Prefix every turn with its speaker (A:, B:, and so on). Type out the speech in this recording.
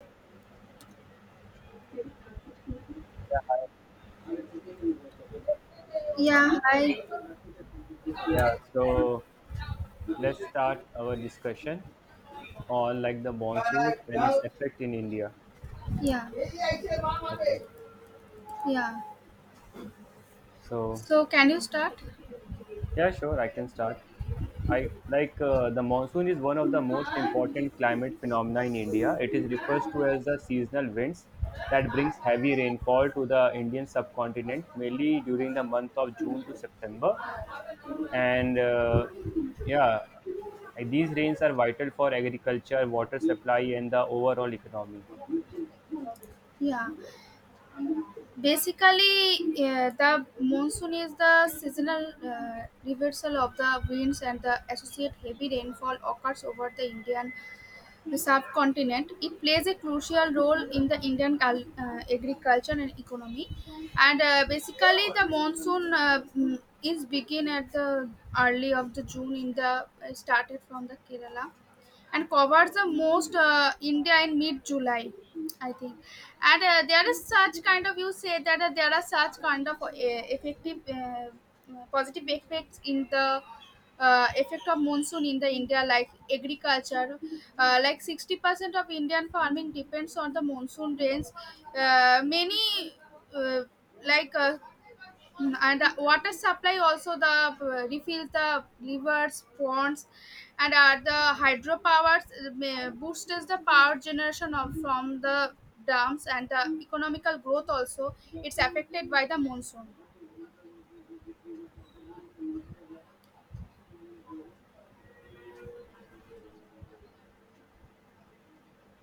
A: Yeah, hi.
B: Yeah, so let's start our discussion on like the monsoons and its effect in India.
A: Yeah,
B: Okay,
A: yeah,
B: so
A: so can you start?
B: yeah, sure, I can start. I like The monsoon is one of the most important climate phenomena in India. It is refers to as the seasonal winds that brings heavy rainfall to the Indian subcontinent, mainly during the month of June to September. And uh, yeah, these rains are vital for agriculture, water supply, and the overall economy.
A: Yeah. Basically, the monsoon is the seasonal reversal of the winds, and the associate heavy rainfall occurs over the Indian the subcontinent. It plays a crucial role in the Indian agriculture and economy. And basically, the monsoon is begin at the early of the June in the started from the Kerala and covers the most India in mid July, I think. And there is such kind of you say that there are such kind of effective positive effects in the effect of monsoon in the India, like agriculture, like 60% of Indian farming depends on the monsoon rains. Uh, many uh, like uh, and water supply also the refills the rivers ponds and the hydropowers boosts the power generation from the dams and the economical growth also it's affected by the monsoon